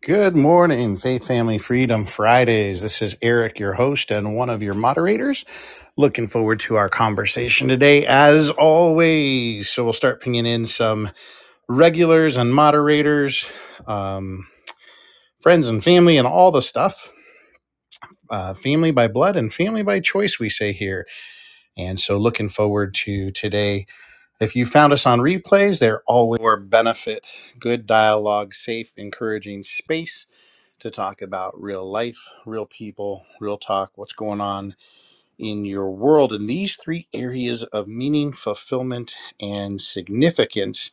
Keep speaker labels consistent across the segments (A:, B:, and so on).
A: Good morning, Faith Family Freedom Fridays. This is Eric, your host and one of your moderators. Looking forward to our conversation today, as always. So, we'll start pinging in some regulars and moderators, um, friends and family, and all the stuff. Uh, family by blood and family by choice, we say here. And so, looking forward to today. If you found us on replays, they're always for benefit, good dialogue, safe, encouraging space to talk about real life, real people, real talk, what's going on in your world in these three areas of meaning, fulfillment, and significance.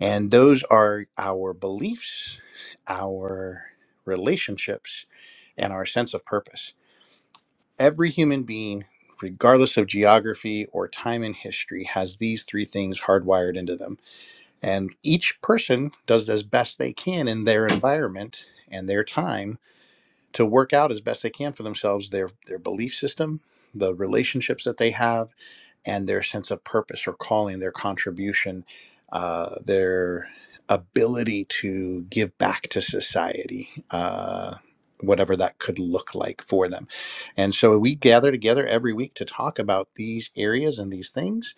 A: And those are our beliefs, our relationships, and our sense of purpose. Every human being, regardless of geography or time in history, has these three things hardwired into them. And each person does as best they can in their environment and their time to work out as best they can for themselves their their belief system, the relationships that they have, and their sense of purpose or calling, their contribution, uh, their ability to give back to society, uh, whatever that could look like for them. And so we gather together every week to talk about these areas and these things.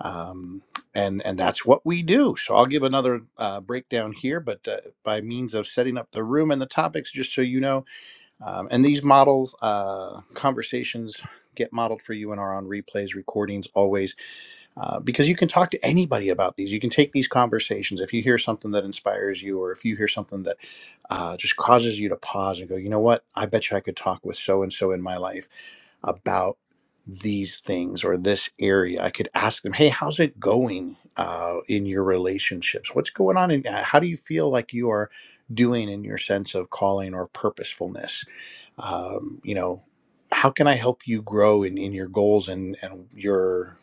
A: Um, and, and that's what we do. So I'll give another uh, breakdown here, but uh, by means of setting up the room and the topics, just so you know, um, and these models, uh, conversations get modeled for you and are on replays, recordings always, uh, because you can talk to anybody about these. You can take these conversations. If you hear something that inspires you, or if you hear something that uh, just causes you to pause and go, you know what? I bet you I could talk with so and so in my life about these things or this area. I could ask them, hey, how's it going? Uh, in your relationships, what's going on? And how do you feel like you are doing in your sense of calling or purposefulness? um, you know how can i help you grow in, in your goals and, and your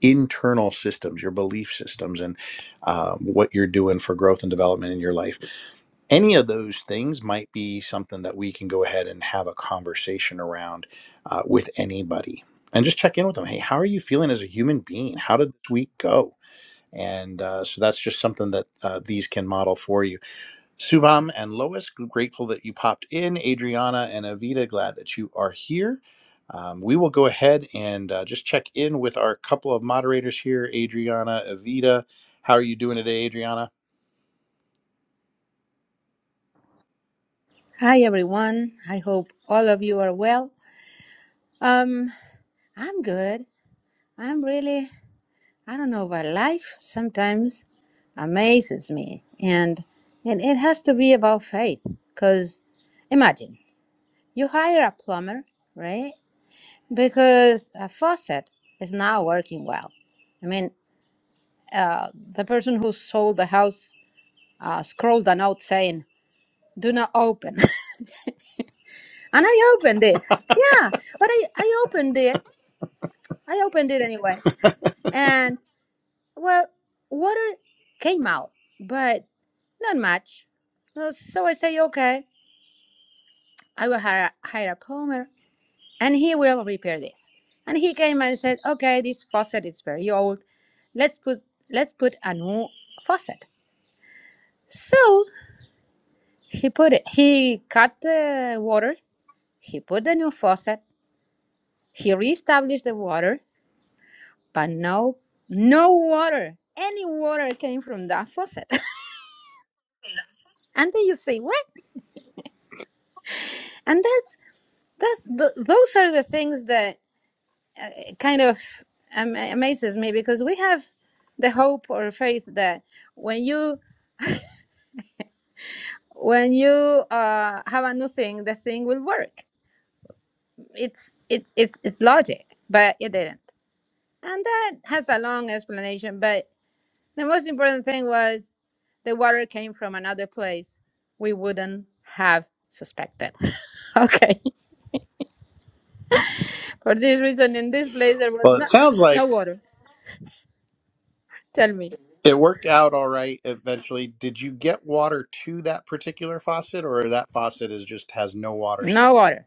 A: internal systems your belief systems and uh, what you're doing for growth and development in your life any of those things might be something that we can go ahead and have a conversation around uh, with anybody and just check in with them hey how are you feeling as a human being how did this week go and uh, so that's just something that uh, these can model for you Subham and Lois, grateful that you popped in. Adriana and Avita, glad that you are here. Um, we will go ahead and uh, just check in with our couple of moderators here, Adriana, Avita. How are you doing today, Adriana?
B: Hi everyone. I hope all of you are well. Um, I'm good. I'm really I don't know, but life sometimes amazes me, and and it has to be about faith. Cause imagine you hire a plumber, right? Because a faucet is not working well. I mean, uh, the person who sold the house uh, scrolled a note saying, "Do not open," and I opened it. Yeah, but I I opened it I opened it anyway. And well, water came out, but not much. No, So I say, okay, I will hire, hire a plumber and he will repair this. And he came and said, okay, this faucet is very old. Let's put let's put a new faucet. So he put it. He cut the water. He put the new faucet. He reestablished the water, but no, no water. Any water came from that faucet. and then you say what and that's that's the, those are the things that eh, kind of am- amazes me because we have the hope or faith that when you when you uh, have a new thing the thing will work it's it's it's it's logic but it didn't and that has a long explanation but the most important thing was the water came from another place we wouldn't have suspected okay for this reason in this place there was
A: Well, it
B: not
A: sounds like
B: no water Tell me.
A: it worked out all right eventually. Did you get water to that particular faucet, or that faucet is just has no water
B: No
A: still?
B: water.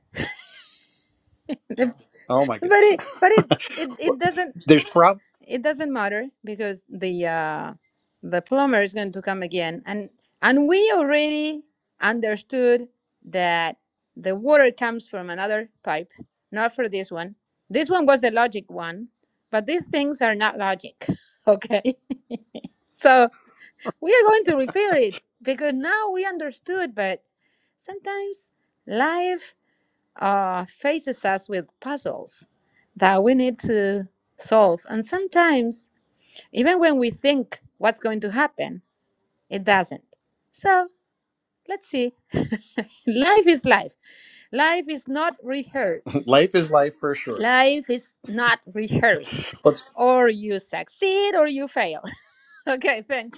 B: but
A: Oh my goodness.
B: it but it, it it doesn't
A: There's prob
B: it doesn't matter because the uh the plumber is going to come again and and we already understood that the water comes from another pipe not for this one this one was the logic one but these things are not logic okay so we are going to repair it because now we understood but sometimes life uh, faces us with puzzles that we need to solve. And sometimes, even when we think what's going to happen, it doesn't. So let's see. Life is life. Life is not rehearsed.
A: life is life for sure.
B: Life is not rehearsed.
A: Well,
B: Or you succeed or you fail. okay, thanks.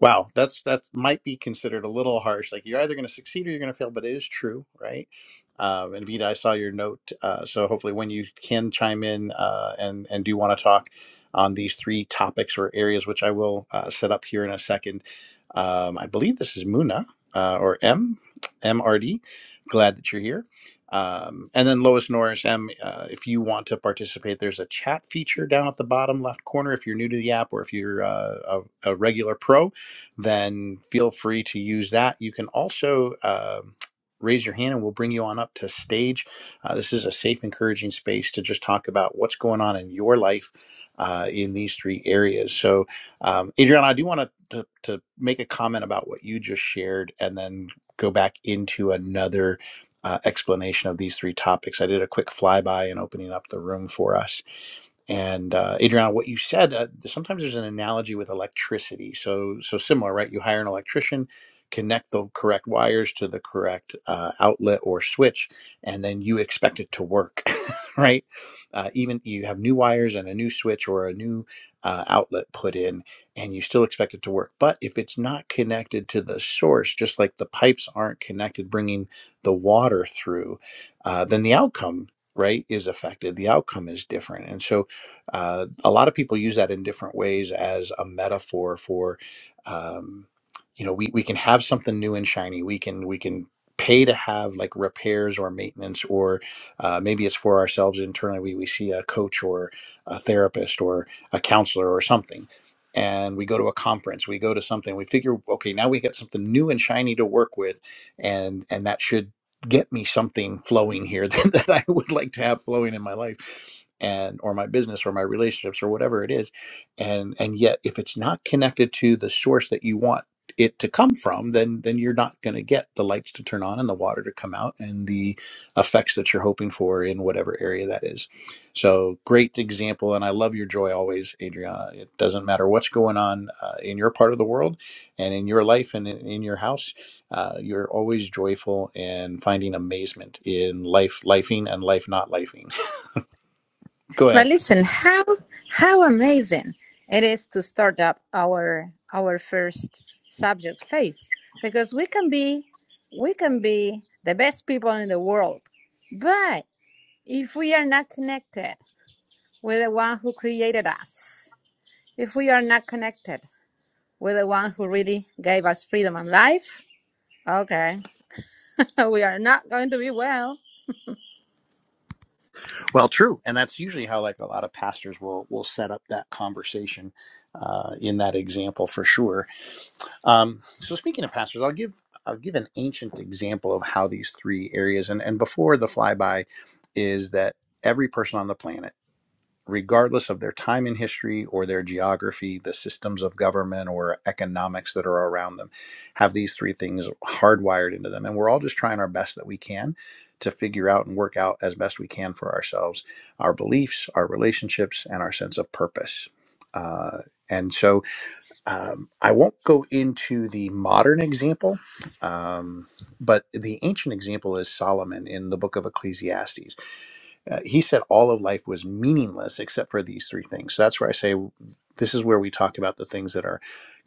A: Wow, that's that might be considered a little harsh. Like you're either going to succeed or you're going to fail, but it is true, right? Um, and Vida, I saw your note, uh, so hopefully when you can chime in uh, and and do want to talk on these three topics or areas, which I will uh, set up here in a second. Um, I believe this is Muna uh, or M M R D. Glad that you're here. Um, and then Lois Norris M, uh, if you want to participate, there's a chat feature down at the bottom left corner. If you're new to the app or if you're uh, a, a regular pro, then feel free to use that. You can also um raise your hand and we'll bring you on up to stage. Uh, this is a safe, encouraging space to just talk about what's going on in your life uh, in these three areas. So, um, Adriana, I do want to, to make a comment about what you just shared and then go back into another. Uh, explanation of these three topics. I did a quick flyby and opening up the room for us. And uh, Adriana, what you said, uh, sometimes there's an analogy with electricity. So, so similar, right? You hire an electrician, connect the correct wires to the correct uh, outlet or switch, and then you expect it to work, right? Uh, even you have new wires and a new switch or a new uh, outlet put in, and you still expect it to work. But if it's not connected to the source, just like the pipes aren't connected, bringing the water through, uh, then the outcome, right, is affected. The outcome is different, and so uh, a lot of people use that in different ways as a metaphor for, um, you know, we, we can have something new and shiny. We can we can pay to have like repairs or maintenance, or uh, maybe it's for ourselves internally. We, we see a coach or a therapist or a counselor or something. And we go to a conference, we go to something, we figure, okay, now we get something new and shiny to work with, and and that should get me something flowing here that, that I would like to have flowing in my life and or my business or my relationships or whatever it is and and yet if it's not connected to the source that you want it to come from then then you're not going to get the lights to turn on and the water to come out and the effects that you're hoping for in whatever area that is so great example and i love your joy always adriana it doesn't matter what's going on uh, in your part of the world and in your life and in, in your house uh, you're always joyful and finding amazement in life lifing and life not lifing go ahead
B: But listen, how how amazing it is to start up our our first subject, faith, because we can be we can be the best people in the world, but if we are not connected with the one who created us, if we are not connected with the one who really gave us freedom and life, okay, we are not going to be well.
A: Well, true, and that's usually how like a lot of pastors will will set up that conversation uh, in that example for sure. Um, so speaking of pastors, I'll give I'll give an ancient example of how these three areas and and before the flyby is that every person on the planet regardless of their time in history or their geography, the systems of government or economics that are around them, have these three things hardwired into them. And we're all just trying our best that we can to figure out and work out as best we can for ourselves our beliefs, our relationships, and our sense of purpose. Uh, and so um, I won't go into the modern example, um, but the ancient example is Solomon in the book of Ecclesiastes uh, he said all of life was meaningless except for these three things. So that's where I say this is where we talk about the things that are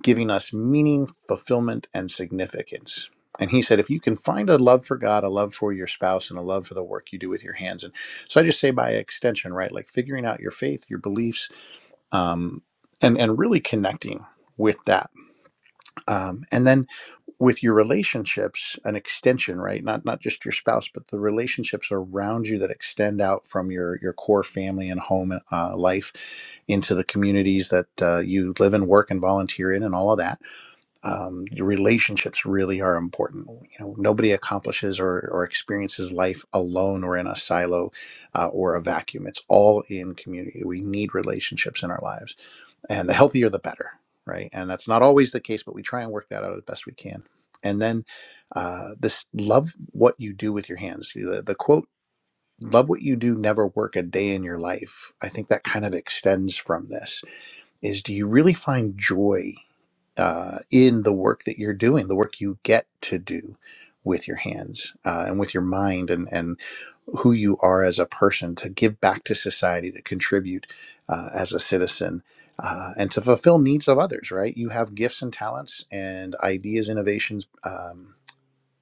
A: giving us meaning, fulfillment, and significance. And he said, if you can find a love for God, a love for your spouse, and a love for the work you do with your hands. And so I just say by extension, right? Like figuring out your faith, your beliefs, um, and, and really connecting with that. Um, and then with your relationships an extension right not not just your spouse but the relationships around you that extend out from your your core family and home uh, life into the communities that uh, you live and work and volunteer in and all of that um, your relationships really are important you know nobody accomplishes or, or experiences life alone or in a silo uh, or a vacuum it's all in community we need relationships in our lives and the healthier the better right and that's not always the case but we try and work that out as best we can and then uh, this love what you do with your hands the, the quote love what you do never work a day in your life i think that kind of extends from this is do you really find joy uh, in the work that you're doing, the work you get to do with your hands uh, and with your mind and, and who you are as a person to give back to society, to contribute uh, as a citizen. Uh, and to fulfill needs of others, right? You have gifts and talents and ideas, innovations, um,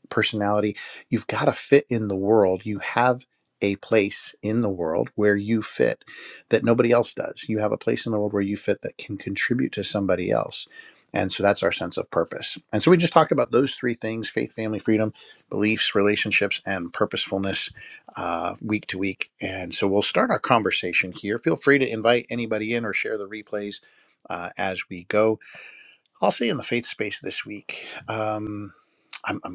A: personality. You've got to fit in the world. You have a place in the world where you fit that nobody else does. You have a place in the world where you fit that can contribute to somebody else. And so that's our sense of purpose. And so we just talked about those three things faith, family, freedom, beliefs, relationships, and purposefulness uh, week to week. And so we'll start our conversation here. Feel free to invite anybody in or share the replays uh, as we go. I'll say in the faith space this week. Um, I'm, I'm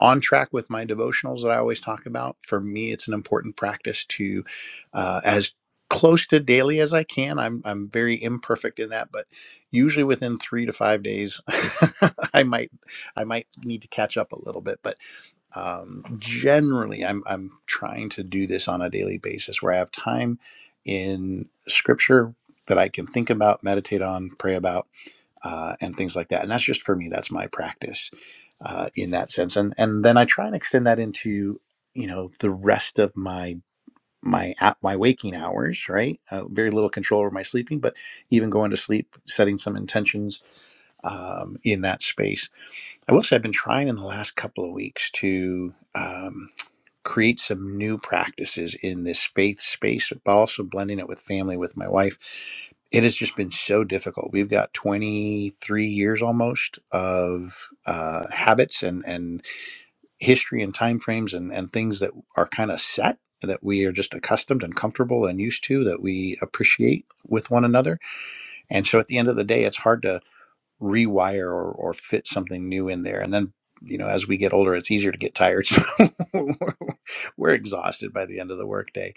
A: on track with my devotionals that I always talk about. For me, it's an important practice to uh, as close to daily as I can. I'm I'm very imperfect in that, but usually within three to five days, I might I might need to catch up a little bit. But um, generally, I'm I'm trying to do this on a daily basis where I have time in Scripture that I can think about, meditate on, pray about uh, and things like that. And that's just for me. That's my practice uh, in that sense. And and then I try and extend that into you know the rest of my my a- my waking hours. Right, uh, very little control over my sleeping, but even going to sleep, setting some intentions um, in that space. I will say I've been trying in the last couple of weeks to. um, create some new practices in this faith space, but also blending it with family with my wife. It has just been so difficult. We've got 23 years almost of uh, habits and, and history and timeframes and, and things that are kind of set that we are just accustomed and comfortable and used to that we appreciate with one another. And so at the end of the day, it's hard to rewire or, or fit something new in there. And then, you know, as we get older, it's easier to get tired. So we're, we're exhausted by the end of the workday.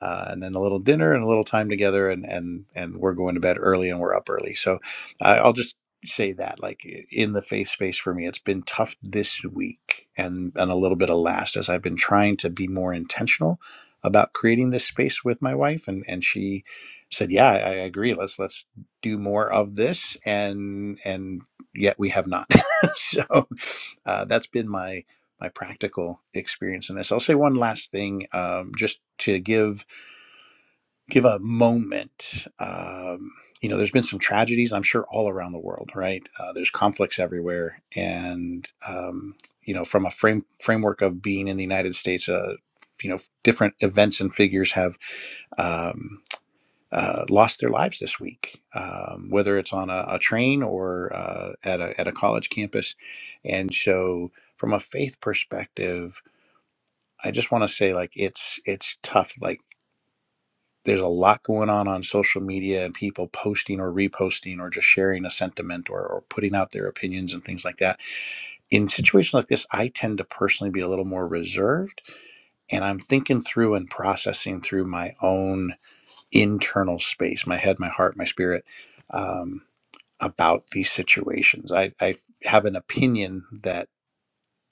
A: Uh, and then a little dinner and a little time together, and and and we're going to bed early and we're up early. So I I'll just say that, like in the faith space for me, it's been tough this week and and a little bit of last as I've been trying to be more intentional about creating this space with my wife, and and she said, "Yeah, I, I agree. Let's let's." do more of this and and yet we have not so uh, that's been my my practical experience in this i'll say one last thing um, just to give give a moment um, you know there's been some tragedies i'm sure all around the world right uh, there's conflicts everywhere and um, you know from a frame framework of being in the united states uh, you know different events and figures have um, uh, lost their lives this week, um, whether it's on a, a train or uh, at, a, at a college campus. And so, from a faith perspective, I just want to say like it's it's tough. Like there's a lot going on on social media and people posting or reposting or just sharing a sentiment or, or putting out their opinions and things like that. In situations like this, I tend to personally be a little more reserved, and I'm thinking through and processing through my own internal space, my head, my heart, my spirit. Um, about these situations. I, I have an opinion that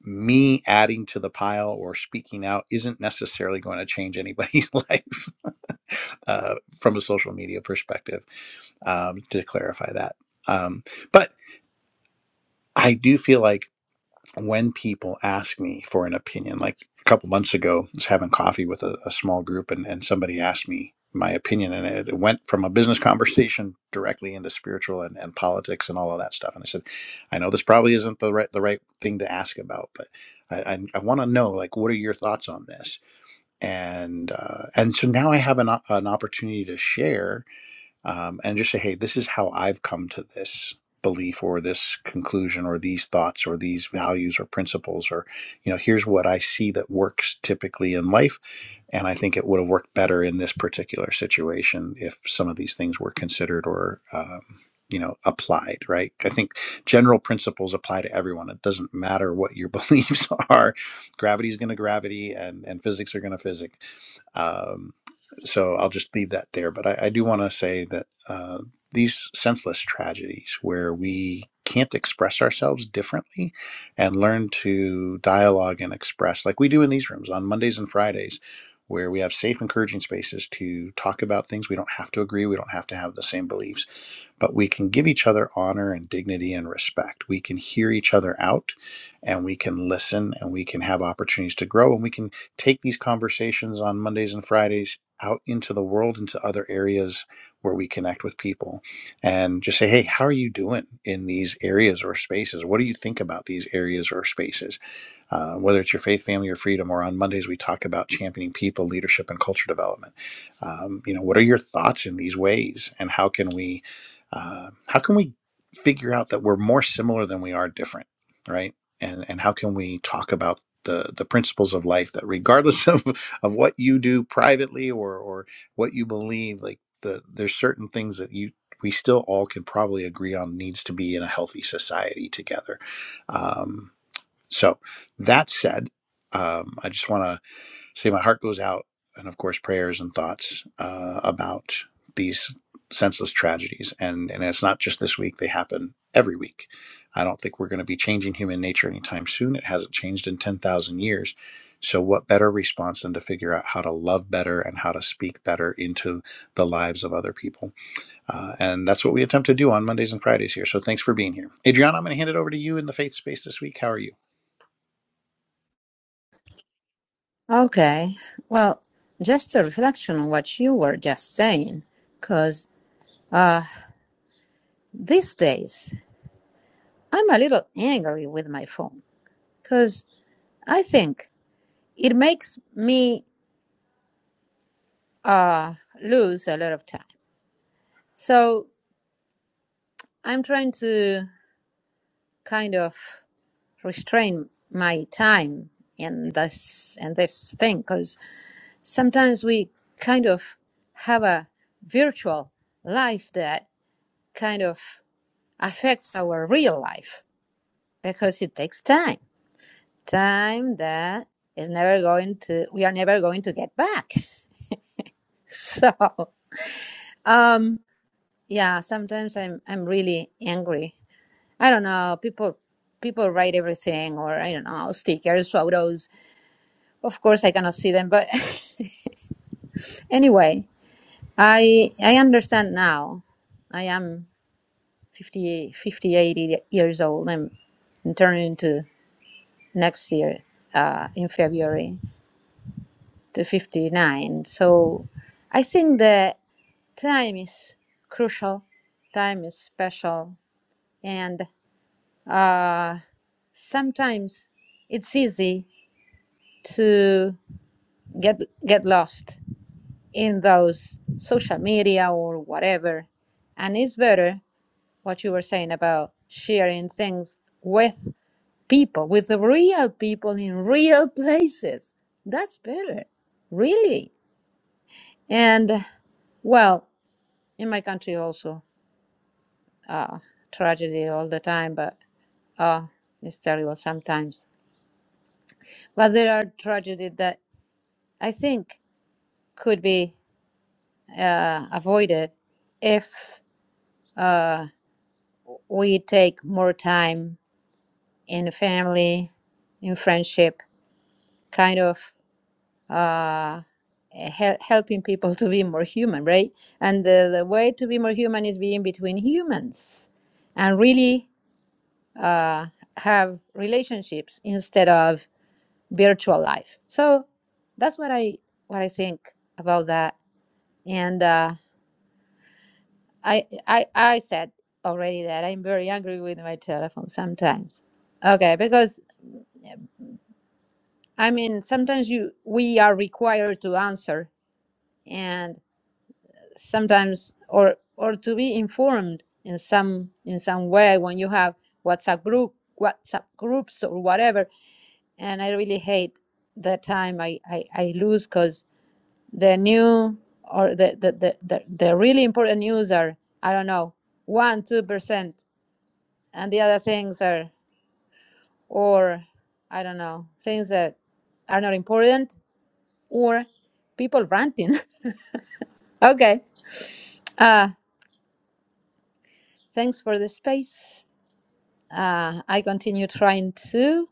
A: me adding to the pile or speaking out isn't necessarily going to change anybody's life uh, from a social media perspective, um, to clarify that. Um, but I do feel like when people ask me for an opinion, like a couple months ago, I was having coffee with a, a small group and, and somebody asked me my opinion and it, went from a business conversation directly into spiritual and, and politics and all of that stuff. And I said, I know this probably isn't the right, the right thing to ask about, but I, I, I want to know, like, what are your thoughts on this? And, uh, and so now I have an, o- an opportunity to share um, and just say, hey, this is how I've come to this belief or this conclusion or these thoughts or these values or principles or you know here's what i see that works typically in life and i think it would have worked better in this particular situation if some of these things were considered or um, you know applied right i think general principles apply to everyone it doesn't matter what your beliefs are gravity is going to gravity and and physics are going to physics um, so I'll just leave that there. But I, I do want to say that uh, these senseless tragedies where we can't express ourselves differently and learn to dialogue and express, like we do in these rooms on Mondays and Fridays, where we have safe, encouraging spaces to talk about things. We don't have to agree, we don't have to have the same beliefs, but we can give each other honor and dignity and respect. We can hear each other out and we can listen and we can have opportunities to grow and we can take these conversations on Mondays and Fridays out into the world, into other areas where we connect with people, and just say, hey, how are you doing in these areas or spaces? What do you think about these areas or spaces? Uh, whether it's your faith, family, or freedom, or on Mondays, we talk about championing people, leadership, and culture development. Um, you know, what are your thoughts in these ways, and how can we? Uh, how can we figure out that we're more similar than we are different, right? And and how can we talk about the the principles of life that regardless of of what you do privately or or what you believe like the there's certain things that you we still all can probably agree on needs to be in a healthy society together um so that said um i just want to say my heart goes out and of course prayers and thoughts uh, about these senseless tragedies and and it's not just this week they happen every week i don't think we're going to be changing human nature anytime soon it hasn't changed in 10,000 years so what better response than to figure out how to love better and how to speak better into the lives of other people uh, and that's what we attempt to do on mondays and fridays here so thanks for being here adriana i'm going to hand it over to you in the faith space this week how are you
B: Okay, well, just a reflection on what you were just saying, because. uh, These days, I'm a little angry with my phone because I think it makes me uh, lose a lot of time. So I'm trying to kind of restrain my time in this in this thing because sometimes we kind of have a virtual life that kind of affects our real life because it takes time. time that is never going to we are never going to get back so um yeah sometimes i'm i'm really angry i don't know people people write everything or i don't know stickers photos of course i cannot see them but anyway i i understand now i am fifty fifty eighty years old i'm turning into next year uh in february to 59 so i think that time is crucial time is special and uh, sometimes it's easy to get get lost in those social media or whatever and it's better what you were saying about sharing things with people with the real people in real places that's better really and well in my country also uh, tragedy all the time but Oh, it's terrible sometimes. But there are tragedies that I think could be uh, avoided if uh, we take more time in family, in friendship, kind of uh, hel- helping people to be more human, right? And the, the way to be more human is being between humans and really uh, have relationships instead of virtual life. So that's what I what I think about that. And uh, I I I said already that I'm very angry with my telephone sometimes. Okay, because I mean sometimes you we are required to answer and sometimes or or to be informed in some in some way when you have WhatsApp group WhatsApp groups or whatever. And I really hate the time I I, I lose because. the new or the the, the, the, the really important news are i don't know 1 2% and the other things are or i don't know things that are not important or people ranting okay uh thanks for the space uh i continue trying to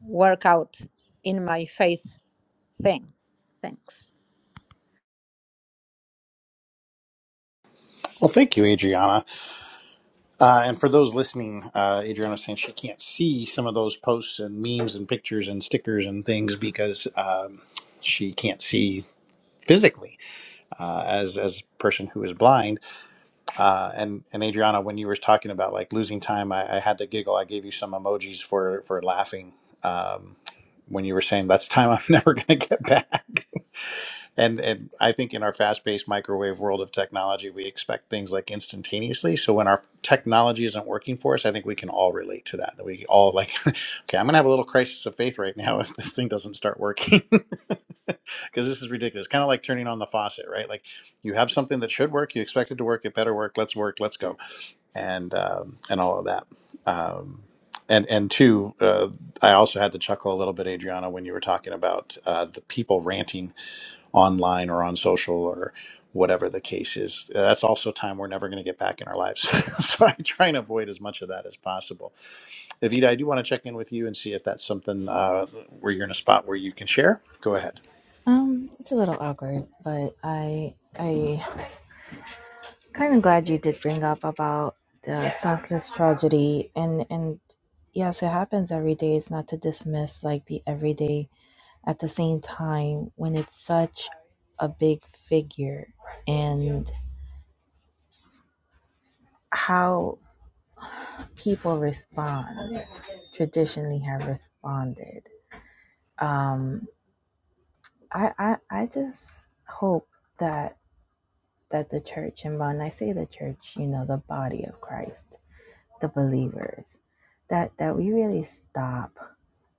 B: work out in my faith thing thanks
A: Well, thank you, Adriana. Uh, and for those listening, uh, Adriana saying she can't see some of those posts and memes and pictures and stickers and things because um, she can't see physically uh, as as a person who is blind. Uh, and and Adriana, when you were talking about like losing time, I, I had to giggle. I gave you some emojis for for laughing um, when you were saying that's time I'm never going to get back. And and I think in our fast-paced microwave world of technology, we expect things like instantaneously. So when our technology isn't working for us, I think we can all relate to that. That we all like, okay, I'm gonna have a little crisis of faith right now if this thing doesn't start working, because this is ridiculous. Kind of like turning on the faucet, right? Like you have something that should work, you expect it to work, it better work. Let's work, let's go, and um, and all of that. Um, and and two, uh, I also had to chuckle a little bit, Adriana, when you were talking about uh, the people ranting online or on social or whatever the case is. That's also time we're never going to get back in our lives. so I try and avoid as much of that as possible. Evita, I do want to check in with you and see if that's something uh, where you're in a spot where you can share. Go ahead.
C: Um, it's a little awkward, but I I kind of glad you did bring up about the senseless tragedy and and yes, it happens every day. It's not to dismiss like the everyday. At the same time, when it's such a big figure and how people respond traditionally have responded. Um, I I I just hope that that the church, and when I say the church, you know, the body of Christ, the believers, that that we really stop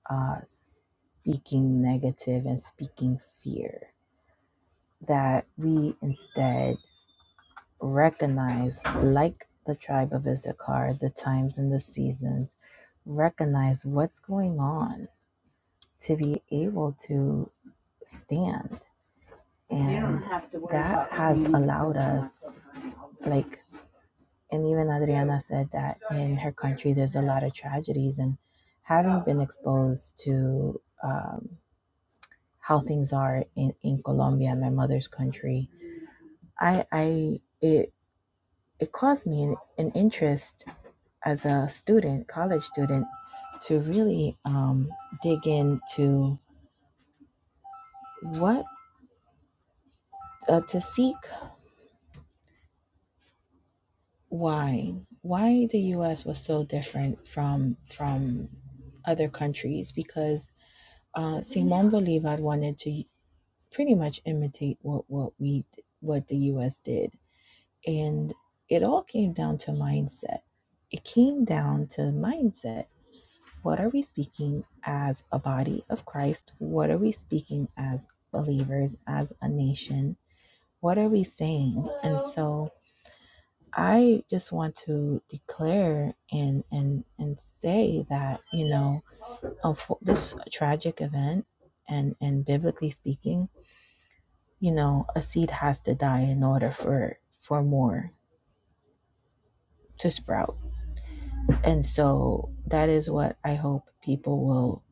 C: uh, speaking negative and speaking fear. That we instead recognize, like the tribe of Issachar, the times and the seasons, recognize what's going on to be able to stand. And that has allowed us, like. And even Adriana said that in her country, there's a lot of tragedies. And having been exposed to um, how things are in, in Colombia, my mother's country, I, I it, it caused me an, an interest as a student, college student, to really um, dig into what uh, to seek why why the U.S. was so different from from other countries because uh, Simone Bolivar wanted to pretty much imitate what what we what the U.S. did, and it all came down to mindset. It came down to mindset. What are we speaking as a body of Christ? What are we speaking as believers, as a nation? What are we saying? And so I just want to declare and and and say that you know this tragic event and and biblically speaking you know a seed has to die in order for for more to sprout and so that is what i hope people will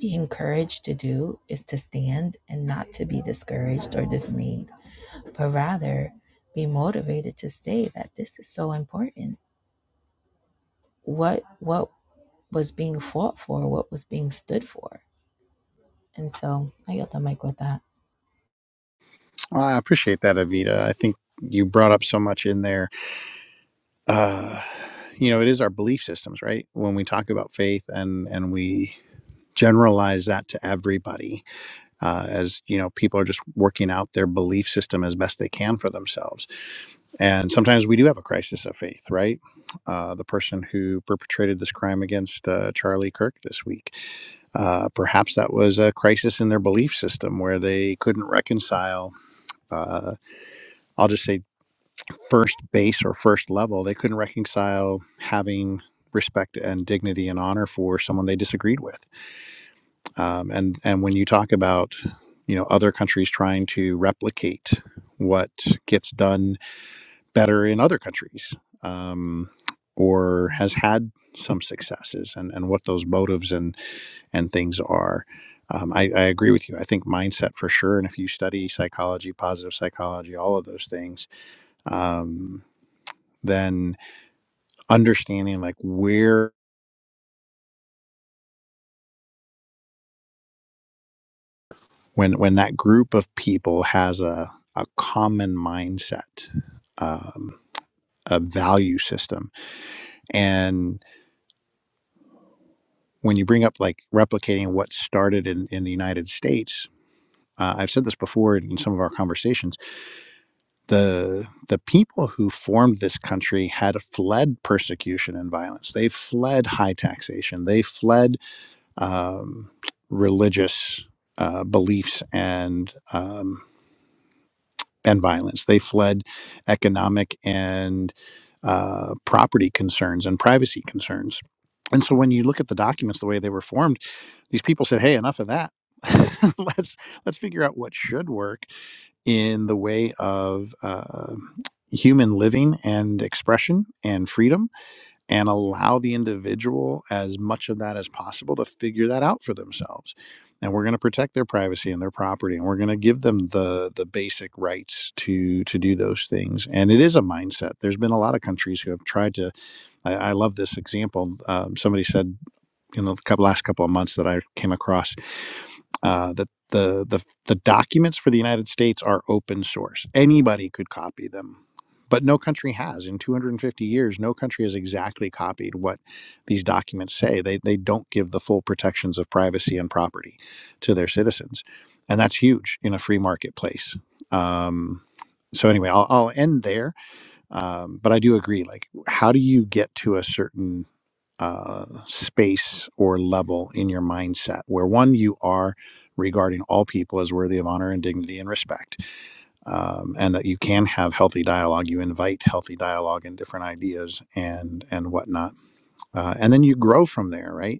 C: be encouraged to do is to stand and not to be discouraged or dismayed but rather be motivated to say that this is so important what what was being fought for what was being stood for and so i got the mic with that
A: Well, I appreciate that, Avita. I think you brought up so much in there. Uh, you know, it is our belief systems, right? When we talk about faith and and we generalize that to everybody, uh, as you know people are just working out their belief system as best they can for themselves and sometimes we do have a crisis of faith right uh, the person who perpetrated this crime against uh, charlie kirk this week uh, perhaps that was a crisis in their belief system where they couldn't reconcile uh, i'll just say first base or first level they couldn't reconcile having respect and dignity and honor for someone they disagreed with Um, and and when you talk about you know other countries trying to replicate what gets done better in other countries um, or has had some successes and, and what those motives and and things are. Um, I, I agree with you. I think mindset for sure. And if you study psychology, positive psychology, all of those things, um, then understanding like where when when that group of people has a a common mindset um, a value system. And when you bring up like replicating what started in, in the United States, uh, I've said this before in some of our conversations. The the people who formed this country had fled persecution and violence. They fled high taxation. They fled um, religious uh, beliefs and um, and violence. They fled economic and uh, property concerns and privacy concerns. And so when you look at the documents, the way they were formed, these people said, "Hey, enough of that. let's let's figure out what should work in the way of uh, human living and expression and freedom." and allow the individual as much of that as possible to figure that out for themselves. And we're going to protect their privacy and their property, and we're going to give them the the basic rights to to do those things. And it is a mindset. There's been a lot of countries who have tried to. I, I love this example. Um, somebody said in the couple, last couple of months that I came across uh, that the, the the documents for the United States are open source. Anybody could copy them, but no country has. In 250 years, no country has exactly copied what these documents say. They they don't give the full protections of privacy and property to their citizens, and that's huge in a free marketplace. Um, so anyway, I'll, I'll end there. Um, but I do agree. Like, how do you get to a certain uh, space or level in your mindset where one you are regarding all people as worthy of honor and dignity and respect um, and that you can have healthy dialogue you invite healthy dialogue and different ideas and and whatnot uh, and then you grow from there right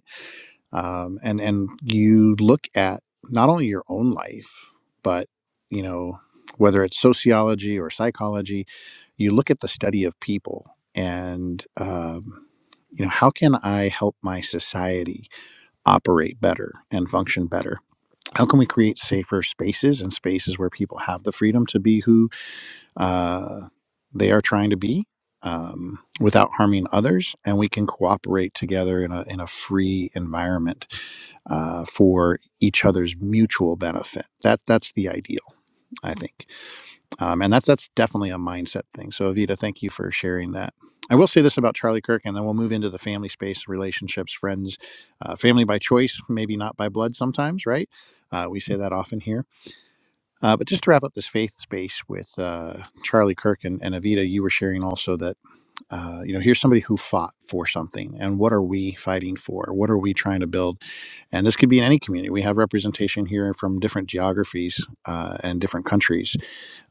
A: um, and and you look at not only your own life but you know whether it's sociology or psychology you look at the study of people and um, you know how can i help my society operate better and function better how can we create safer spaces and spaces where people have the freedom to be who uh, they are trying to be um, without harming others and we can cooperate together in a, in a free environment uh, for each other's mutual benefit. That that's the ideal, I think, um, and that's that's definitely a mindset thing. So, Avita, thank you for sharing that. I will say this about Charlie Kirk, and then we'll move into the family space, relationships, friends, uh, family by choice, maybe not by blood sometimes, right? Uh, we say that often here. Uh, but just to wrap up this faith space with uh, Charlie Kirk and, and Avita, you were sharing also that uh, you know here's somebody who fought for something and what are we fighting for what are we trying to build and this could be in any community we have representation here from different geographies uh, and different countries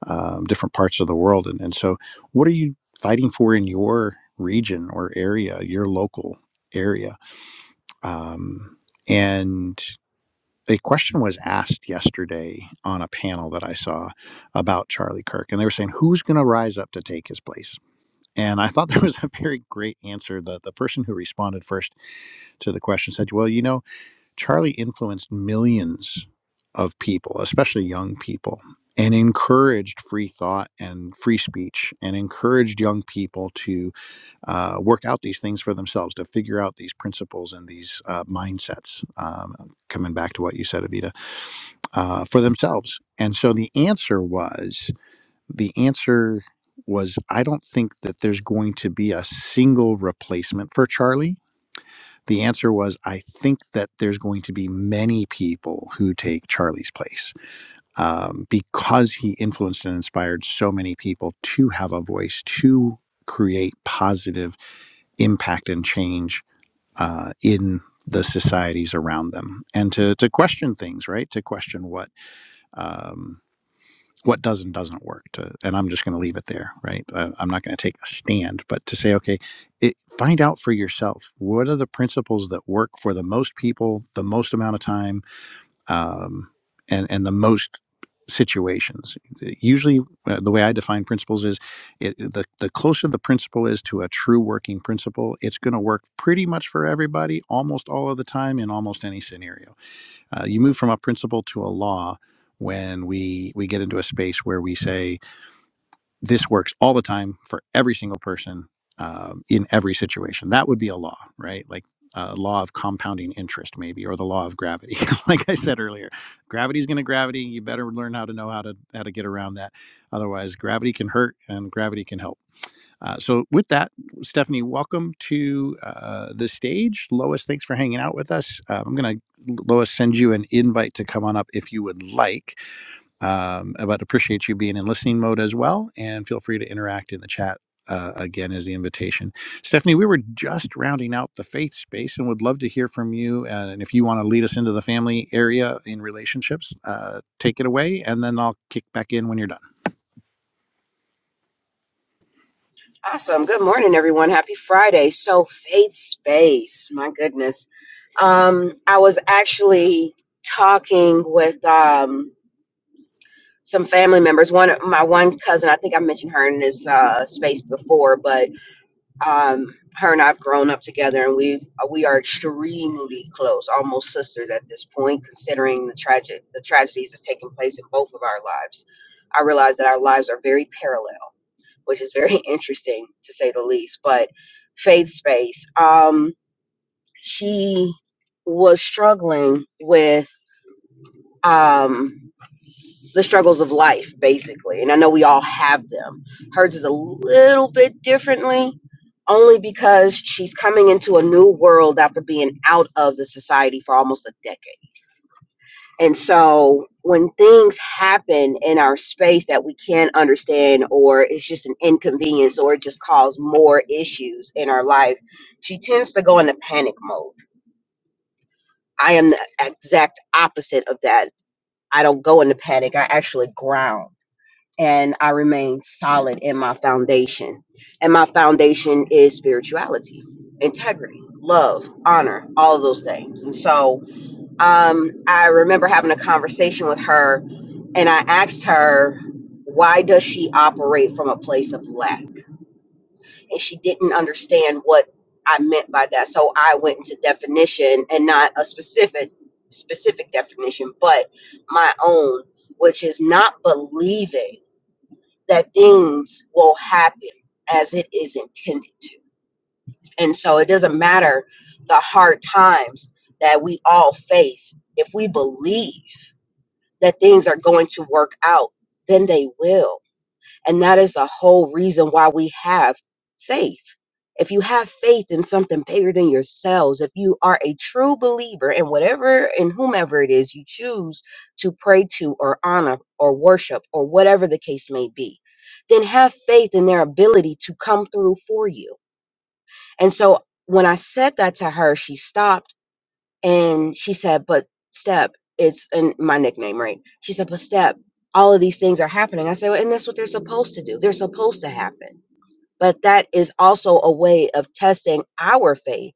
A: um, different parts of the world and, and so what are you fighting for in your region or area your local area um, and a question was asked yesterday on a panel that I saw about Charlie Kirk, and they were saying, "Who's going to rise up to take his place?" And I thought there was a very great answer. The, the person who responded first to the question said, Well, you know, Charlie influenced millions of people, especially young people, and encouraged free thought and free speech, and encouraged young people to uh, work out these things for themselves, to figure out these principles and these uh, mindsets. Um, coming back to what you said, Avita, uh, for themselves. And so the answer was the answer was I don't think that there's going to be a single replacement for Charlie. The answer was I think that there's going to be many people who take Charlie's place um, because he influenced and inspired so many people to have a voice, to create positive impact and change uh, in the societies around them and to, to question things right to question what um, what does and doesn't work to, and i'm just going to leave it there right I, i'm not going to take a stand but to say okay it, find out for yourself what are the principles that work for the most people the most amount of time um, and and the most situations Uh, usually uh, the way i define principles is it, the, the closer the principle is to a true working principle it's going to work pretty much for everybody almost all of the time in almost any scenario uh, you move from a principle to a law when we we get into a space where we say this works all the time for every single person um, in every situation. That would be a law, right? Like a law of compounding interest, maybe, or the law of gravity. like I said earlier, gravity is going to gravity. You better learn how to know how to how to get around that. Otherwise, gravity can hurt and gravity can help. Uh, so, with that, Stephanie, welcome to uh, the stage. Lois, thanks for hanging out with us. Uh, I'm going to, Lois, send you an invite to come on up if you would like. Um, but appreciate you being in listening mode as well. And feel free to interact in the chat. Uh, again, as the invitation. Stephanie, we were just rounding out the faith space and would love to hear from you. Uh, and if you want to lead us into the family area in relationships, uh, take it away. And then I'll kick back in when you're done.
D: Awesome. Good morning, everyone. Happy Friday. So, faith space. My goodness. Um, I was actually talking with um, some family members. One, my one cousin. I think I mentioned her in this uh, space before, but um, her and I've grown up together, and we have we are extremely close, almost sisters at this point, considering the tragic the tragedies that's taking place in both of our lives. I realize that our lives are very parallel which is very interesting to say the least. But Faith Space, um, she was struggling with um, the struggles of life, basically. And I know we all have them. Hers is a little bit differently, only because she's coming into a new world after being out of the society for almost a decade. And so when things happen in our space that we can't understand, or it's just an inconvenience, or it just cause more issues in our life, she tends to go into panic mode. I am the exact opposite of that. I don't go into panic, I actually ground and I remain solid in my foundation. And my foundation is spirituality, integrity, love, honor, all of those things. And so, um, I remember having a conversation with her, and I asked her, why does she operate from a place of lack? And she didn't understand what I meant by that. So I went into definition and not a specific specific definition, but my own, which is not believing that things will happen as it is intended to. And so it doesn't matter the hard times that we all face if we believe that things are going to work out, then they will. And that is a whole reason why we have faith. If you have faith in something bigger than yourselves, if you are a true believer in whatever and whomever it is you choose to pray to or honor or worship or whatever the case may be, then have faith in their ability to come through for you. And so when I said that to her, she stopped and she said, But Step, it's and my nickname, right? She said, But Step, all of these things are happening. I said, well, And that's what they're supposed to do. They're supposed to happen. But that is also a way of testing our faith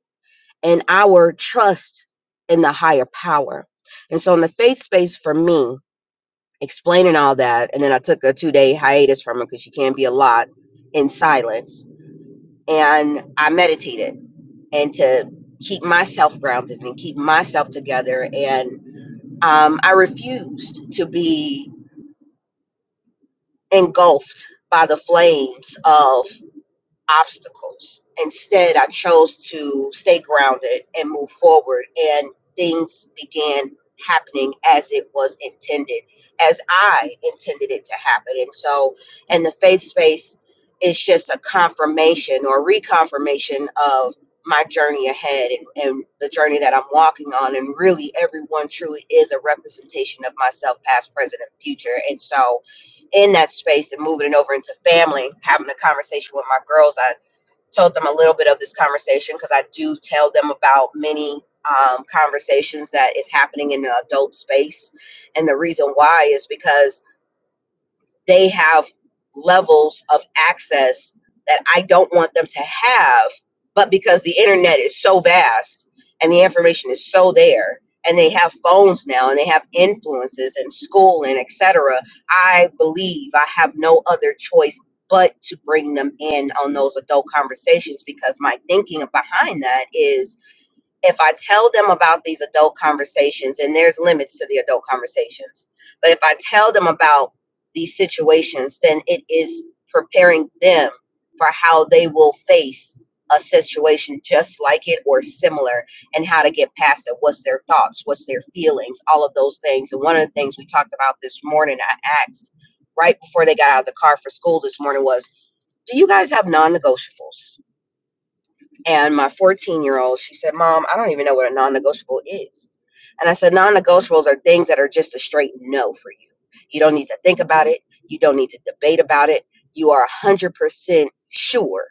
D: and our trust in the higher power. And so, in the faith space for me, explaining all that, and then I took a two day hiatus from it because you can't be a lot in silence. And I meditated and to keep myself grounded and keep myself together. and. Um, I refused to be engulfed by the flames of obstacles. Instead, I chose to stay grounded and move forward, and things began happening as it was intended, as I intended it to happen. And so, in the faith space, it's just a confirmation or reconfirmation of my journey ahead and, and the journey that I'm walking on. And really, everyone truly is a representation of myself, past, present, and future. And so, in that space and moving it over into family, having a conversation with my girls. I told them a little bit of this conversation because I do tell them about many um, conversations that is happening in the adult space. And the reason why is because they have levels of access that I don't want them to have. But because the internet is so vast and the information is so there, and they have phones now and they have influences in school and etc., I believe I have no other choice but to bring them in on those adult conversations because my thinking behind that is if I tell them about these adult conversations, and there's limits to the adult conversations, but if I tell them about these situations, then it is preparing them for how they will face a situation just like it or similar and how to get past it. What's their thoughts? What's their feelings? All of those things. And one of the things we talked about this morning, I asked right before they got out of the car for school this morning was, Do you guys have non negotiables? And my 14 year old, she said, Mom, I don't even know what a non negotiable is. And I said, Non negotiables are things that are just a straight no for you. You don't need to think about it. You don't need to debate about it. You are 100% sure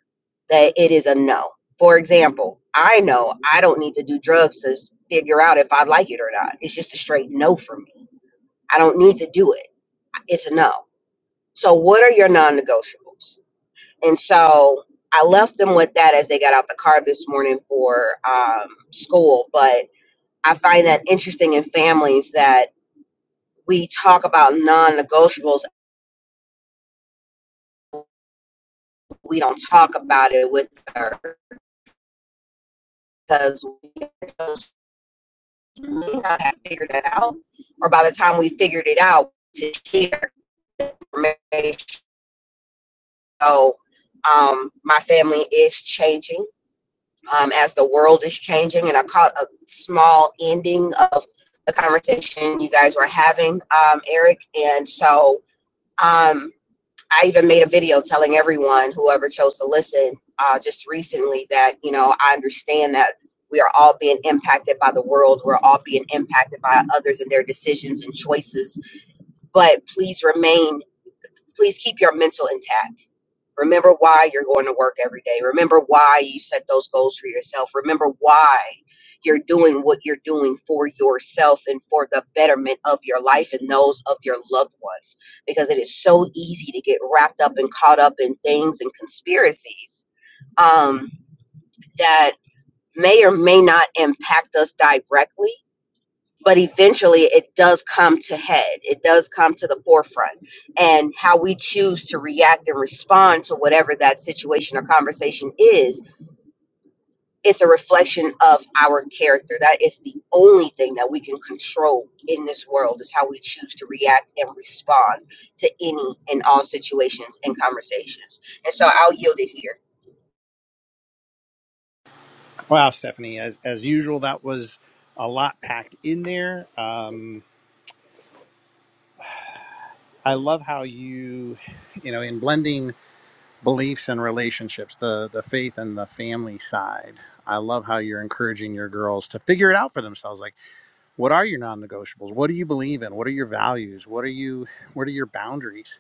D: that it is a no. For example, I know I don't need to do drugs to figure out if I like it or not. It's just a straight no for me. I don't need to do it. It's a no. So, what are your non negotiables? And so I left them with that as they got out the car this morning for um, school. But I find that interesting in families that we talk about non negotiables, we don't talk about it with her because we may not have figured it out. Or by the time we figured it out, to share information. So um, my family is changing um, as the world is changing. And I caught a small ending of the conversation you guys were having, um, Eric. And so um, I even made a video telling everyone, whoever chose to listen, uh, just recently, that you know I understand that we are all being impacted by the world. We're all being impacted by others and their decisions and choices. But please remain. Please keep your mental intact Remember why you're going to work every day. Remember why you set those goals for yourself. Remember why you're doing what you're doing for yourself and for the betterment of your life and those of your loved ones. Because it is so easy to get wrapped up and caught up in things and conspiracies um, that may or may not impact us directly but eventually it does come to head it does come to the forefront and how we choose to react and respond to whatever that situation or conversation is it's a reflection of our character that is the only thing that we can control in this world is how we choose to react and respond to any and all situations and conversations and so i'll yield it here
A: Wow, Stephanie, as as usual, that was a lot packed in there. Um, I love how you, you know, in blending beliefs and relationships, the the faith and the family side. I love how you're encouraging your girls to figure it out for themselves. Like, what are your non-negotiables? What do you believe in? What are your values? What are you? What are your boundaries?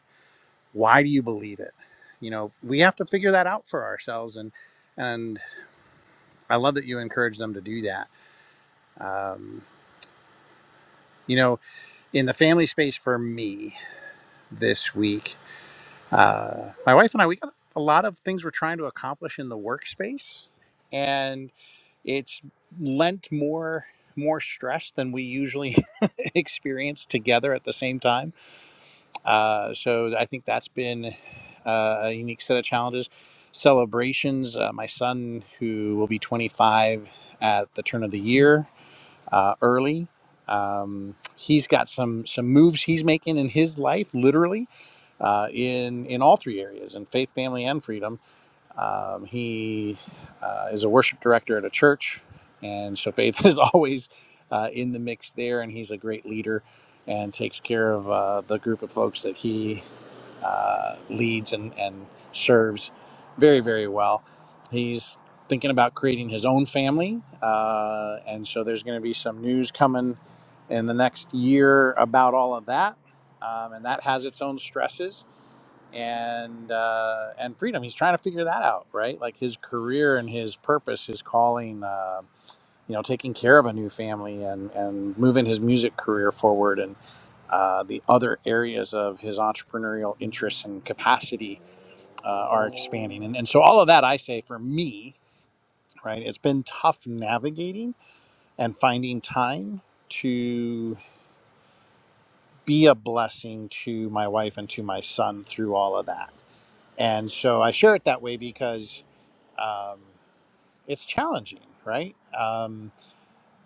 A: Why do you believe it? You know, we have to figure that out for ourselves. And and I love that you encourage them to do that. Um, you know, in the family space for me this week. Uh, my wife and I, we got a lot of things we're trying to accomplish in the workspace, and it's lent more more stress than we usually experience together at the same time. Uh, so I think that's been uh, a unique set of challenges. Celebrations. Uh, my son, who will be 25 at the turn of the year, uh, early. Um, he's got some some moves he's making in his life, literally, uh, in in all three areas, in faith, family, and freedom. Um, he uh, is a worship director at a church, and so faith is always uh, in the mix there. And he's a great leader and takes care of uh, the group of folks that he uh, leads and, and serves very, very well. He's thinking about creating his own family. Uh, and so there's going to be some news coming in the next year about all of that. Um, and that has its own stresses and uh, and freedom. He's trying to figure that out, right? Like his career and his purpose, his calling. Uh, you know, taking care of a new family and and moving his music career forward uh, the other areas of his entrepreneurial interests and capacity uh, are expanding. And, and so, all of that, I say for me, right, it's been tough navigating and finding time to be a blessing to my wife and to my son through all of that. And so, I share it that way because um, it's challenging, right? Um,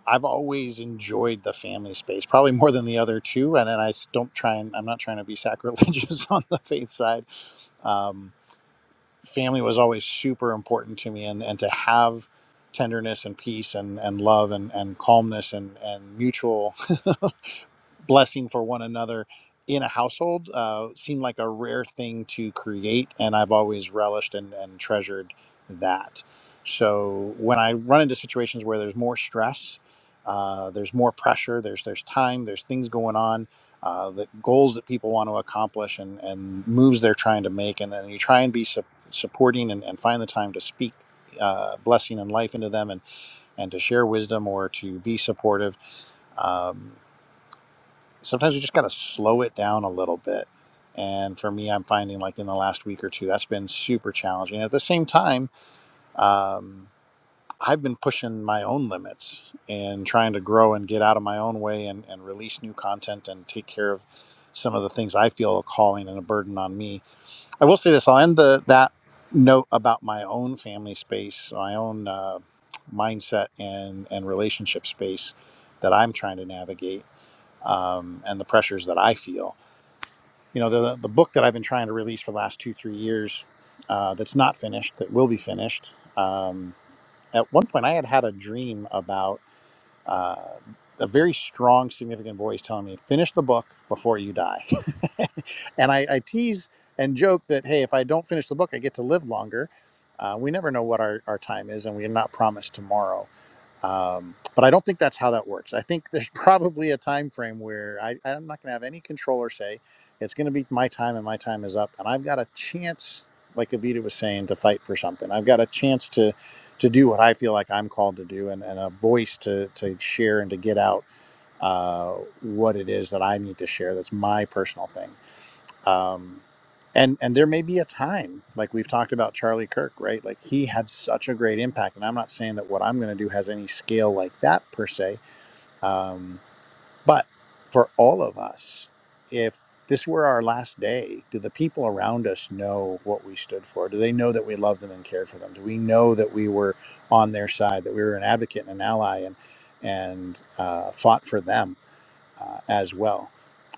A: I've always enjoyed the family space, probably more than the other two. And then I s- don't try and I'm not trying to be sacrilegious on the faith side. Um, family was always super important to me and, and to have tenderness and peace and, and love and, and calmness and, and mutual blessing for one another in a household uh, seemed like a rare thing to create, and I've always relished and, and treasured that. So when I run into situations where there's more stress, uh, there's more pressure, there's there's time, there's things going on, uh, the goals that people want to accomplish, and and moves they're trying to make, and then you try and be su- supporting and, and find the time to speak. Uh, blessing and life into them and and to share wisdom or to be supportive Um, sometimes we just got to slow it down a little bit. And for me, I'm finding like in the last week or two, that's been super challenging. At the same time, um, I've been pushing my own limits and trying to grow and get out of my own way and, and release new content and take care of some of the things I feel a calling and a burden on me. I will say this I'll end the, that note about my own family space, my own uh, mindset and, and relationship space that I'm trying to navigate um, and the pressures that I feel you know the the book that I've been trying to release for the last two three years uh, that's not finished that will be finished. Um, at one point, I had had a dream about uh, a very strong, significant voice telling me, "Finish the book before you die," and I, I tease and joke that hey, if I don't finish the book, I get to live longer. Uh, we never know what our, our time is, and we are not promised tomorrow um, but i don't think that's how that works i think there's probably a time frame where I, i'm not going to have any control or say it's going to be my time and my time is up and i've got a chance like avita was saying to fight for something i've got a chance to to do what i feel like i'm called to do and, and a voice to to share and to get out uh, what it is that i need to share that's my personal thing um, and and there may be a time like we've talked about charlie kirk right like he had such a great impact and i'm not saying that what i'm going to do has any scale like that per se um, but for all of us if this were our last day do the people around us know what we stood for do they know that we loved them and cared for them do we know that we were on their side that we were an advocate and an ally and and uh, fought for them uh, as well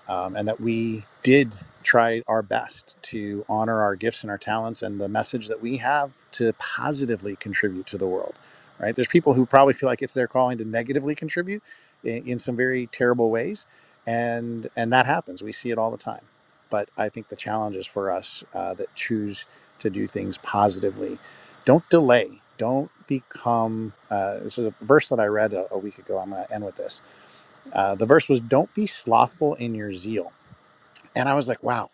A: um, and that we did try our best to honor our gifts and our talents and the message that we have to positively contribute to the world right there's people who probably feel like it's their calling to negatively contribute in, in some very terrible ways and and that happens we see it all the time but i think the challenge is for us uh, that choose to do things positively don't delay don't become uh, this is a verse that i read a, a week ago i'm going to end with this uh, the verse was don't be slothful in your zeal and I was like, wow,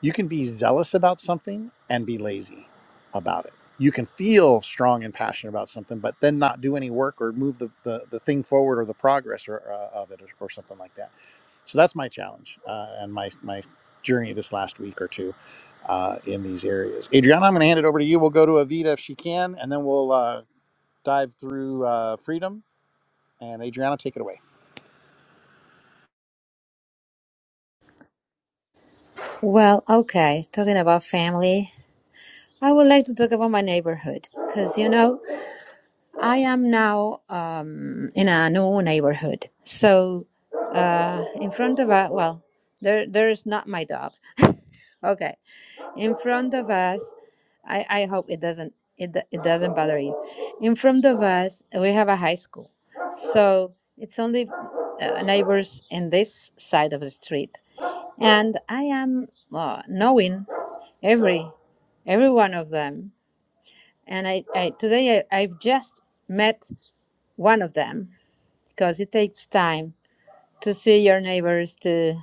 A: you can be zealous about something and be lazy about it. You can feel strong and passionate about something, but then not do any work or move the, the, the thing forward or the progress or, uh, of it or, or something like that. So that's my challenge uh, and my, my journey this last week or two uh, in these areas. Adriana, I'm going to hand it over to you. We'll go to Avita if she can, and then we'll uh, dive through uh, freedom. And Adriana, take it away.
B: well okay talking about family i would like to talk about my neighborhood because you know I am now um, in a new neighborhood. So, uh, in front of us, well, there, there's not my dog. okay, in front of us, I, I hope it doesn't it, do- it doesn't bother you. In front of us, we have a high school, so it's only uh, neighbors in this side of the street, and I am uh, knowing every every one of them. And I, I today I, I've just met one of them because it takes time to see your neighbors to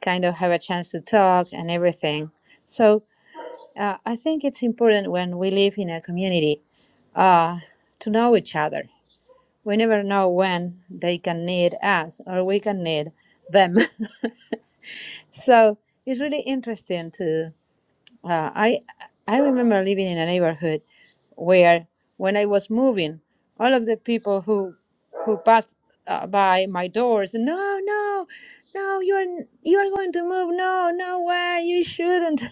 B: kind of have a chance to talk and everything so uh, i think it's important when we live in a community uh, to know each other we never know when they can need us or we can need them so it's really interesting to. Uh, I I remember living in a neighborhood where when I was moving, all of the people who who passed uh, by my doors, no, no, no, you're you're going to move. No, no way, you shouldn't.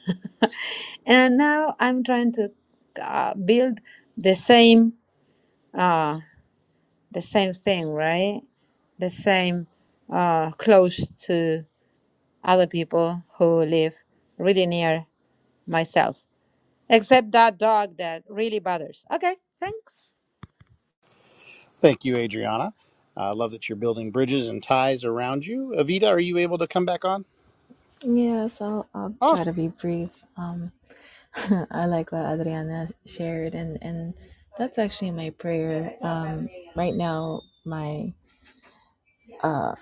B: and now I'm trying to uh, build the same uh, the same thing, right? The same uh, close to other people who live really near myself Except that dog that really bothers. Okay, thanks.
A: Thank you, Adriana. I love that you're building bridges and ties around you. Avita, are you able to come back on?
C: yeah so i'll try to
A: Awesome.
C: be brief Um, I like what Adriana shared, and and that's actually my prayer. Um, right now, my uh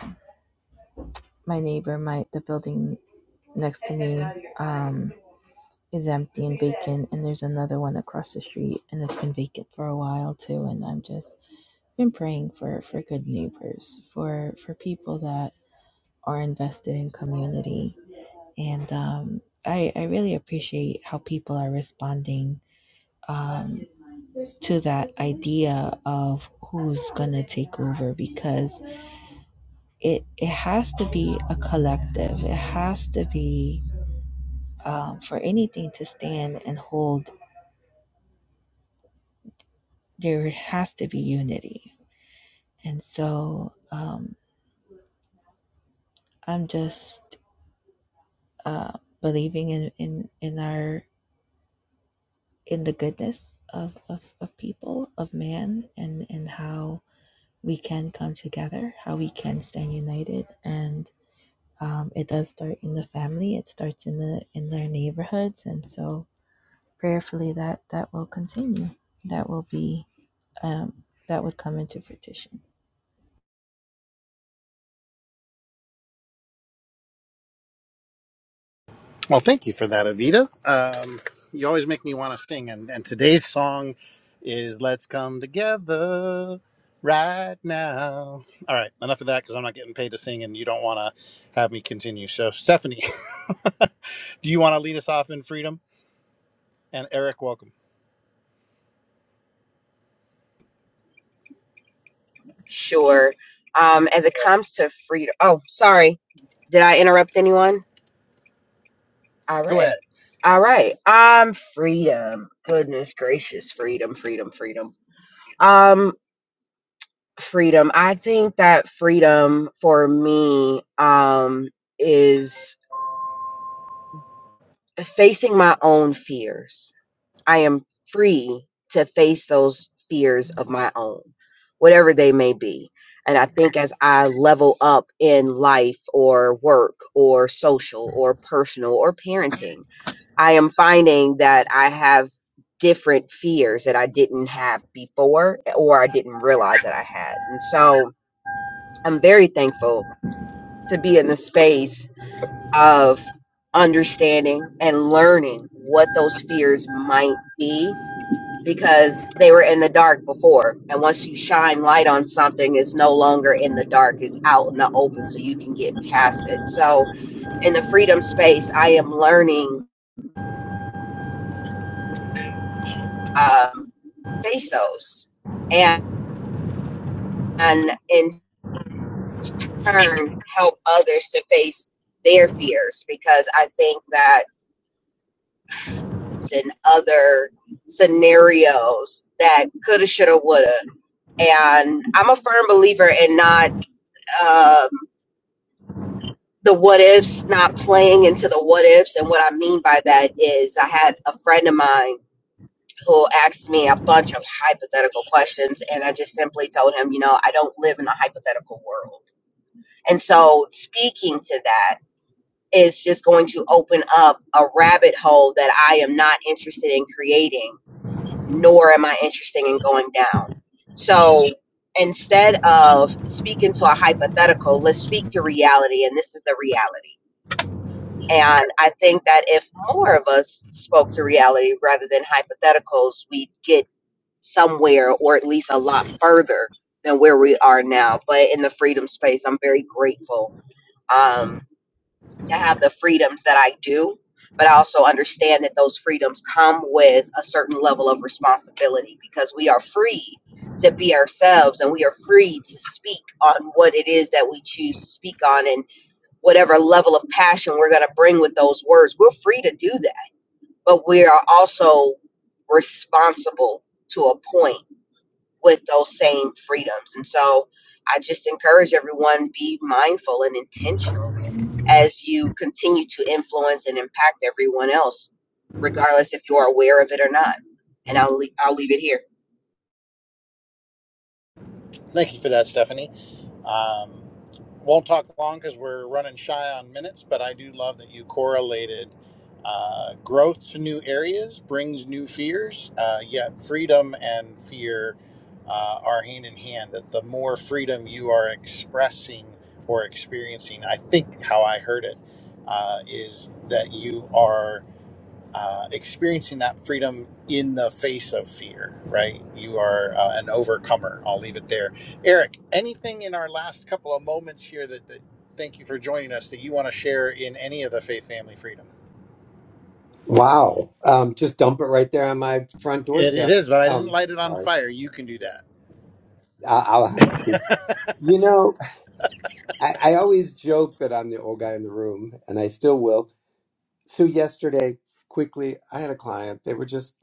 C: my neighbor, my the building next to me, um, is empty and vacant, and there's another one across the street, and it's been vacant for a while too. And I'm just been praying for for good neighbors, for for people that are invested in community, and um, I I really appreciate how people are responding Um, to that idea of who's going to take over because it, it has to be a collective. It has to be, um, for anything to stand and hold, there has to be unity. And so um, I'm just uh, believing in, in, in our in the goodness of, of, of people, of man, and, and how we can come together, how we can stand united. And um, it does start in the family it starts in the in their neighborhoods and so prayerfully that that will continue that will be um, that would come into fruition
A: Well, thank you for that, Avita. Um, you always make me want to sing, and, and today's song is "Let's Come Together Right Now." All right, enough of that because I'm not getting paid to sing, and you don't want to have me continue. So, Stephanie, do you want to lead us off in freedom? And Eric, welcome.
D: sure um, as it comes to freedom oh sorry did i interrupt anyone all right All right. Um, freedom. Goodness gracious, freedom, freedom, freedom. Um, freedom. I think that freedom for me um is facing my own fears I am free to face those fears of my own, whatever they may be. And I think as I level up in life or work or social or personal or parenting, I am finding that I have different fears that I didn't have before or I didn't realize that I had. And so I'm very thankful to be in the space of understanding and learning what those fears might be because they were in the dark before. And once you shine light on something, it's no longer in the dark, it's out in the open so you can get past it. So, in the freedom space, I am learning um, face those and, and in turn help others to face their fears because I think that in other scenarios that coulda, shoulda, woulda. And I'm a firm believer in not. um, the what ifs, not playing into the what ifs. And what I mean by that is, I had a friend of mine who asked me a bunch of hypothetical questions, and I just simply told him, you know, I don't live in a hypothetical world. And so, speaking to that is just going to open up a rabbit hole that I am not interested in creating, nor am I interested in going down. So, instead of speaking to a hypothetical, let's speak to reality, and this is the reality and I think that if more of us spoke to reality rather than hypotheticals, we'd get somewhere or at least a lot further than where we are now. But in the freedom space, I'm very grateful um, to have the freedoms that I do. But I also understand that those freedoms come with a certain level of responsibility because we are free to be ourselves and we are free to speak on what it is that we choose to speak on. And whatever level of passion we're going to bring with those words. We're free to do that, but we are also responsible to a point with those same freedoms. And so I just encourage everyone be mindful and intentional as you continue to influence and impact everyone else, regardless if you're aware of it or not. And I'll leave, I'll leave it here.
A: Thank you for that, Stephanie. Um, won't talk long because we're running shy on minutes, but I do love that you correlated uh, growth to new areas brings new fears, uh, yet freedom and fear uh, are hand in hand. That the more freedom you are expressing or experiencing, I think how I heard it uh, is that you are uh, experiencing that freedom in the face of fear, right? You are uh, an overcomer. I'll leave it there. Eric, anything in our last couple of moments here that, that thank you for joining us that you want to share in any of the faith family freedom?
E: Wow. Um, just dump it right there on my front
A: It, it
E: doorstep.
A: is, but I didn't
E: Um,
A: light it on
E: sorry.
A: fire. You can do that.
E: I- I'll have to. You know, I-, I always joke that I'm the old guy in the room, and I still will. So, yesterday, quickly, I had a client. They were just,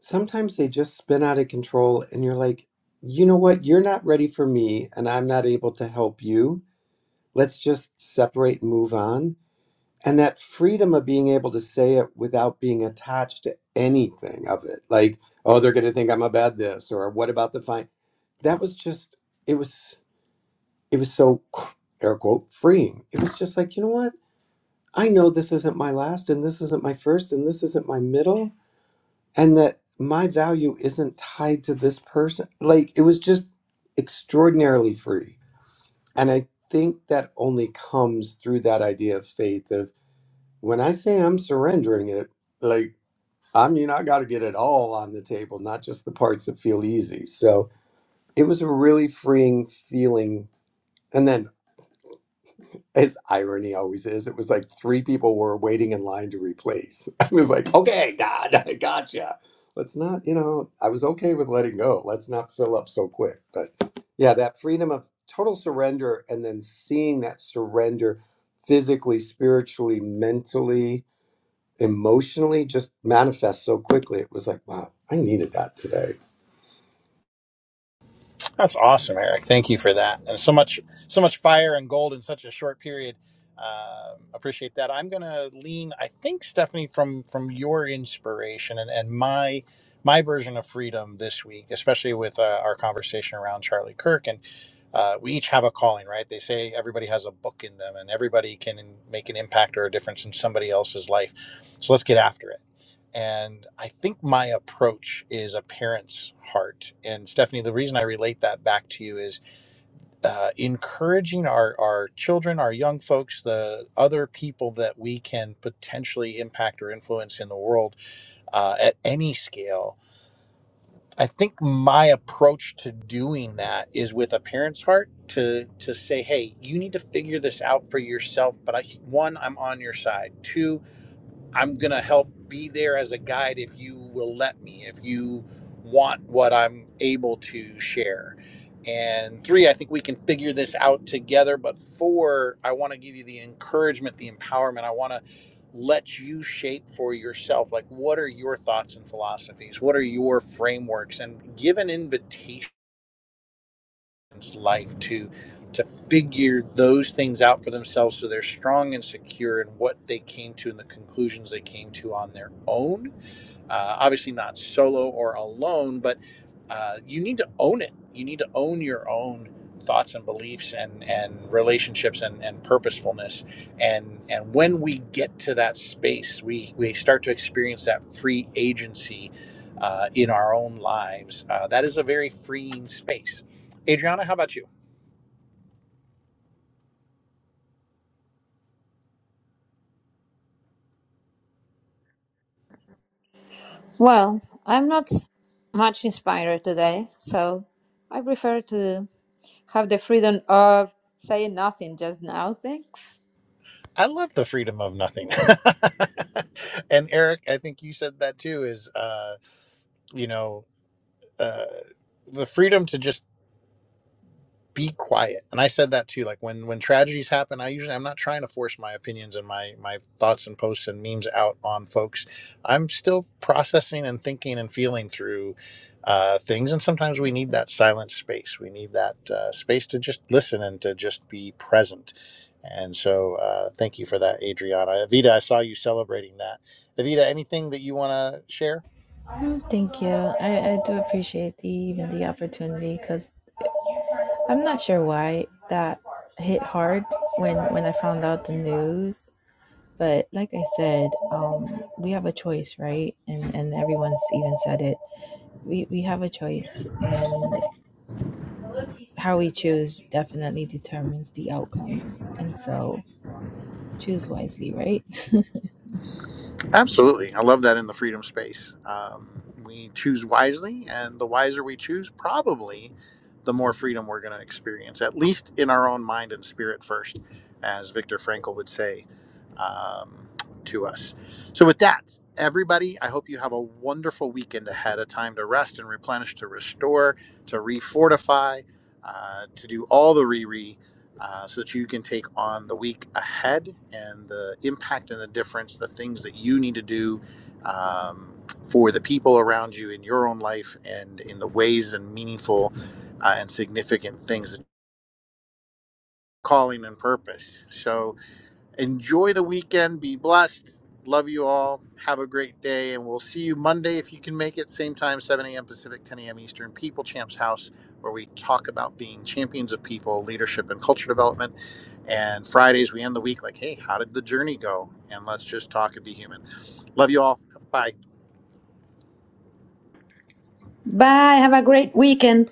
E: sometimes they just spin out of control, and you're like, you know what? You're not ready for me, and I'm not able to help you. Let's just separate and move on and that freedom of being able to say it without being attached to anything of it like oh they're going to think i'm a bad this or what about the fine that was just it was it was so air quote freeing it was just like you know what i know this isn't my last and this isn't my first and this isn't my middle and that my value isn't tied to this person like it was just extraordinarily free and i think that only comes through that idea of faith of when I say I'm surrendering it, like, I mean, I got to get it all on the table, not just the parts that feel easy. So it was a really freeing feeling. And then, as irony always is, it was like three people were waiting in line to replace. I was like, okay, God, I gotcha. Let's not, you know, I was okay with letting go. Let's not fill up so quick. But yeah, that freedom of total surrender and then seeing that surrender physically, spiritually, mentally emotionally just manifests so quickly. It was like, wow, I needed that today.
A: That's awesome, Eric. Thank you for that. And so much, so much fire and gold in such a short period. Uh, appreciate that. I'm gonna lean. I think Stephanie from from your inspiration and and my my version of freedom this week, especially with uh, our conversation around Charlie Kirk, and uh, we each have a calling, right? They say everybody has a book in them, and everybody can make an impact or a difference in somebody else's life. So let's get after it. And I think my approach is a parent's heart. And Stephanie, the reason I relate that back to you is uh, encouraging our, our children, our young folks, the other people that we can potentially impact or influence in the world uh, at any scale. I think my approach to doing that is with a parent's heart to to say, hey, you need to figure this out for yourself. But I, one, I'm on your side. Two, I'm going to help be there as a guide if you will let me, if you want what I'm able to share. And three, I think we can figure this out together. But four, I want to give you the encouragement, the empowerment. I want to let you shape for yourself. Like, what are your thoughts and philosophies? What are your frameworks? And give an invitation life to to figure those things out for themselves so they're strong and secure in what they came to and the conclusions they came to on their own uh, obviously, not solo or alone, but uh, you need to own it. You need to own your own thoughts and beliefs and, and relationships and, and purposefulness. And, and when we get to that space, we, we start to experience that free agency uh, in our own lives. Uh, that is a very freeing space. Adriana, how about you?
B: Well, I'm not much inspired today, so I prefer to have the freedom of saying nothing just now. Thanks.
A: I love the freedom of nothing. and Eric, I think you said that too is uh, you know, uh, the freedom to just be quiet and i said that too like when when tragedies happen i usually i'm not trying to force my opinions and my my thoughts and posts and memes out on folks i'm still processing and thinking and feeling through uh, things and sometimes we need that silent space we need that uh, space to just listen and to just be present and so uh, thank you for that adriana evita i saw you celebrating that evita anything that you want to share
C: thank you i, I do appreciate the even the opportunity because i'm not sure why that hit hard when when i found out the news but like i said um, we have a choice right and and everyone's even said it we, we have a choice and how we choose definitely determines the outcomes. And so choose wisely, right?
A: Absolutely. I love that in the freedom space. Um, we choose wisely, and the wiser we choose, probably the more freedom we're going to experience, at least in our own mind and spirit first, as Viktor Frankl would say um, to us. So, with that, everybody, I hope you have a wonderful weekend ahead, a time to rest and replenish, to restore, to refortify, uh, to do all the re re uh, so that you can take on the week ahead and the impact and the difference, the things that you need to do um, for the people around you in your own life and in the ways and meaningful uh, and significant things, calling and purpose. So enjoy the weekend. Be blessed. Love you all. Have a great day. And we'll see you Monday if you can make it. Same time, 7 a.m. Pacific, 10 a.m. Eastern, People Champs House, where we talk about being champions of people, leadership, and culture development and Fridays, we end the week like, hey, how did the journey go? And let's just talk and be human. Love you all. Bye.
B: Bye. Have a great weekend.